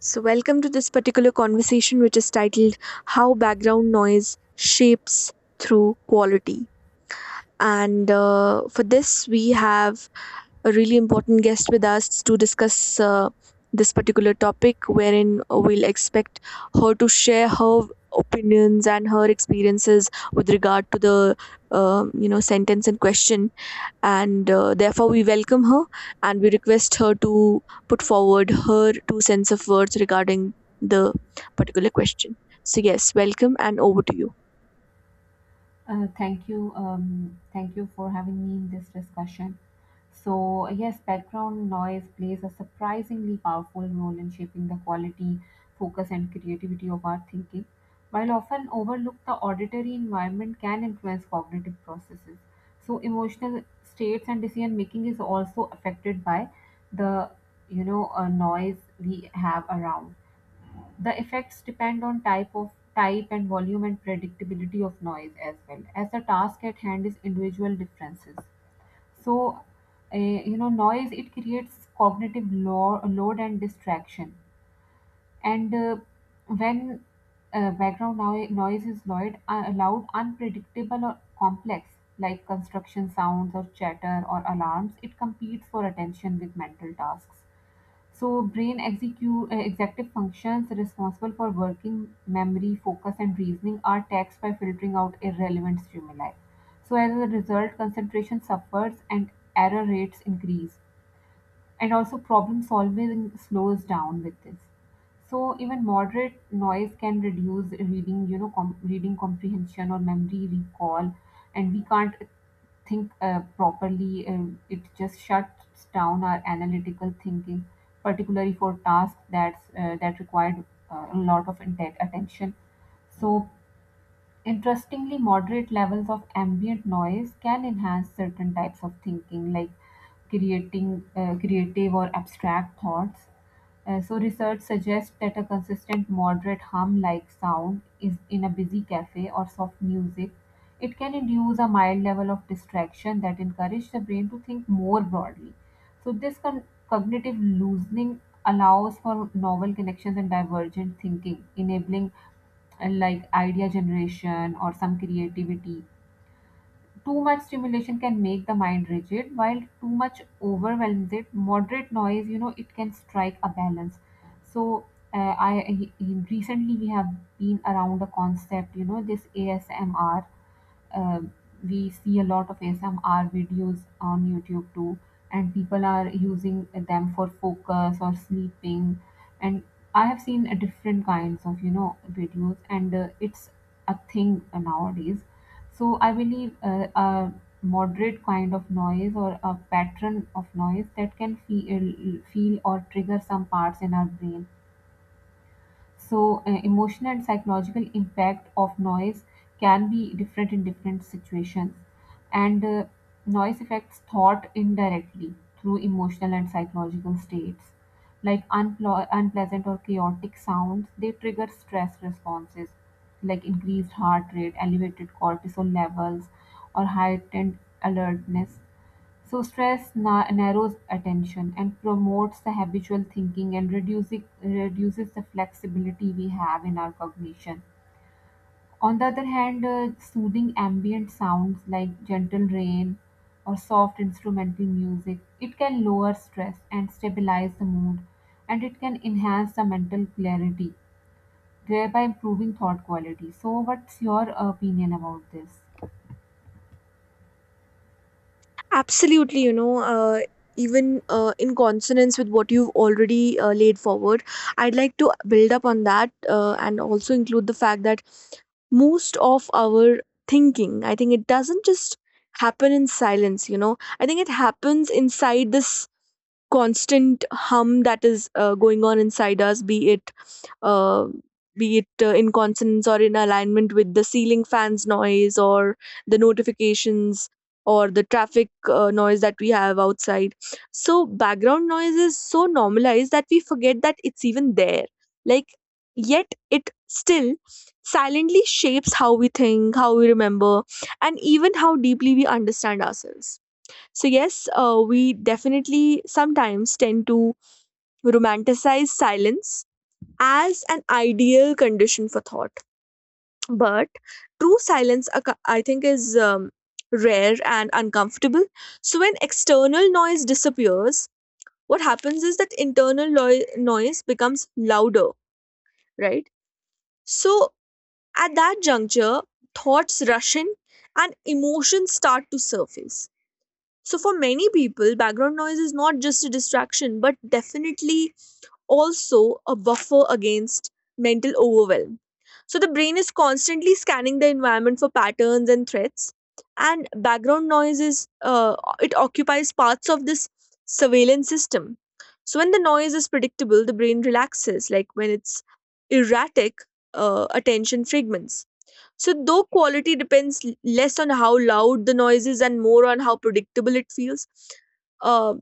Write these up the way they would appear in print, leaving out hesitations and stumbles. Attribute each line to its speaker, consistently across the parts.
Speaker 1: So, welcome to this particular conversation, which is titled How Background Noise Shapes Through Quality. And for this, we have a really important guest with us to discuss this particular topic, wherein we'll expect her to share her opinions and her experiences with regard to the sentence in question and therefore we welcome her and we request her to put forward her two cents of words regarding the particular question. So, yes, welcome and over to you.
Speaker 2: Thank you. Thank you for having me in this discussion. So, yes, background noise plays a surprisingly powerful role in shaping the quality, focus, and creativity of our thinking. While often overlooked, the auditory environment can influence cognitive processes. So, emotional states and decision making is also affected by the noise we have around. The effects depend on type of type and volume and predictability of noise as well as the task at hand is individual differences. So, noise it creates cognitive load and distraction. And when background noise is loud, loud, unpredictable or complex, like construction sounds or chatter or alarms, it competes for attention with mental tasks. So executive functions responsible for working memory, focus, and reasoning are taxed by filtering out irrelevant stimuli. So as a result, concentration suffers and error rates increase, and also problem solving slows down with this. So even moderate noise can reduce reading comprehension or memory recall, and we can't think properly. Um, it just shuts down our analytical thinking, particularly for tasks that's that required a lot of attention. So interestingly, moderate levels of ambient noise can enhance certain types of thinking, like creating creative or abstract thoughts. So, research suggests that a consistent moderate hum-like sound is in a busy cafe or soft music. It can induce a mild level of distraction that encourages the brain to think more broadly. So, this cognitive loosening allows for novel connections and divergent thinking, enabling and like idea generation or some creativity. Too much stimulation can make the mind rigid, while too much overwhelms it. Moderate noise, you know, it can strike a balance. So, recently we have been around a concept, you know, this ASMR. uh, we see a lot of ASMR videos on YouTube too, and people are using them for focus or sleeping. And I have seen different kinds of videos, and it's a thing nowadays. So I believe a moderate kind of noise or a pattern of noise that can feel or trigger some parts in our brain. So, emotional and psychological impact of noise can be different in different situations, and noise affects thought indirectly through emotional and psychological states. Like unpleasant or chaotic sounds, they trigger stress responses like increased heart rate, elevated cortisol levels, or heightened alertness. So stress narrows attention and promotes the habitual thinking and reduces the flexibility we have in our cognition. On the other hand, soothing ambient sounds like gentle rain or soft instrumental music, it can lower stress and stabilize the mood, and it can enhance the mental clarity, thereby improving thought quality. So what's your opinion about this?
Speaker 1: Absolutely, you know, even in consonance with what you've already laid forward, I'd like to build up on that and also include the fact that most of our thinking, I think it doesn't just happen in silence. You know, I think it happens inside this constant hum that is going on inside us, uh, be it in consonance or in alignment with the ceiling fan's noise or the notifications or the traffic noise that we have outside. So, background noise is so normalized that we forget that it's even there. Like, yet it still silently shapes how we think, how we remember, and even how deeply we understand ourselves. So, yes, we definitely sometimes tend to romanticize silence as an ideal condition for thought, but true silence, I think, is rare and uncomfortable. So when external noise disappears, what happens is that internal noise becomes louder, right? So at that juncture, thoughts rush in and emotions start to surface. So for many people, background noise is not just a distraction, but definitely also a buffer against mental overwhelm. So the brain is constantly scanning the environment for patterns and threats, and background noise is it occupies parts of this surveillance system. So when the noise is predictable, the brain relaxes. Like when it's erratic, attention fragments. So though quality depends less on how loud the noise is and more on how predictable it feels. uh,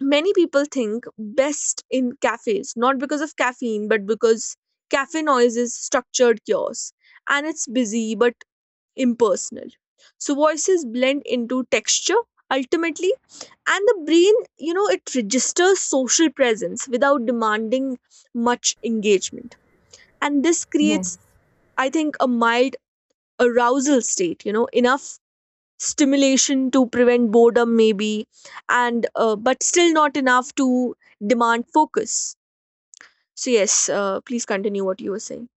Speaker 1: Many people think best in cafes, not because of caffeine, but because cafe noise is structured chaos and it's busy but impersonal. So voices blend into texture ultimately, and the brain, you know, it registers social presence without demanding much engagement. And this creates,
Speaker 2: Yes.
Speaker 1: I think, a mild arousal state, you know, enough stimulation to prevent boredom maybe and but still not enough to demand focus. So yes, please continue what you were saying.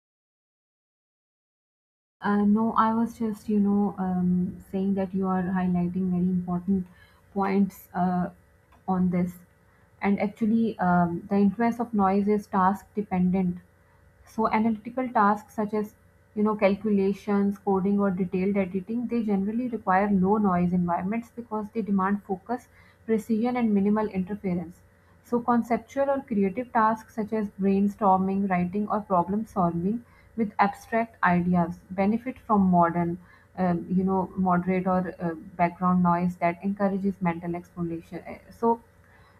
Speaker 2: No, I was just, you know, saying that you are highlighting very important points on this. And actually, the influence of noise is task dependent. So, analytical tasks such as, you know, calculations, coding, or detailed editing, they generally require low noise environments because they demand focus, precision, and minimal interference. So conceptual or creative tasks such as brainstorming, writing, or problem solving with abstract ideas benefit from modern, moderate or background noise that encourages mental exploration. Uh, So,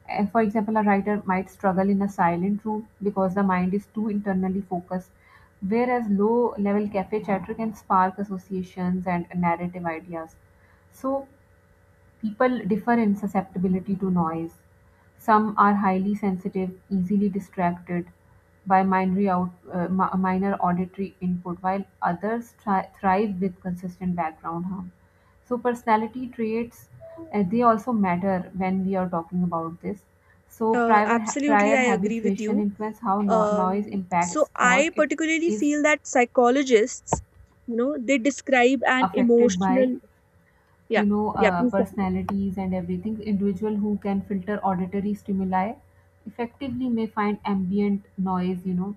Speaker 2: uh, for example, a writer might struggle in a silent room because the mind is too internally focused, whereas low level cafe chatter can spark associations and narrative ideas. So, people differ in susceptibility to noise. Some are highly sensitive, easily distracted by minor auditory input, while others thrive with consistent background hum. So, personality traits they also matter when we are talking about this. So, prior
Speaker 1: Absolutely,
Speaker 2: prior
Speaker 1: I agree with
Speaker 2: habituation
Speaker 1: you.
Speaker 2: influence how noise
Speaker 1: So
Speaker 2: impacts thought.
Speaker 1: I
Speaker 2: It
Speaker 1: particularly
Speaker 2: is
Speaker 1: feel that psychologists, you know, they describe an
Speaker 2: affected by
Speaker 1: emotional. Yeah, yeah, please.
Speaker 2: personalities and everything. Individual who can filter auditory stimuli effectively may find ambient noise, you know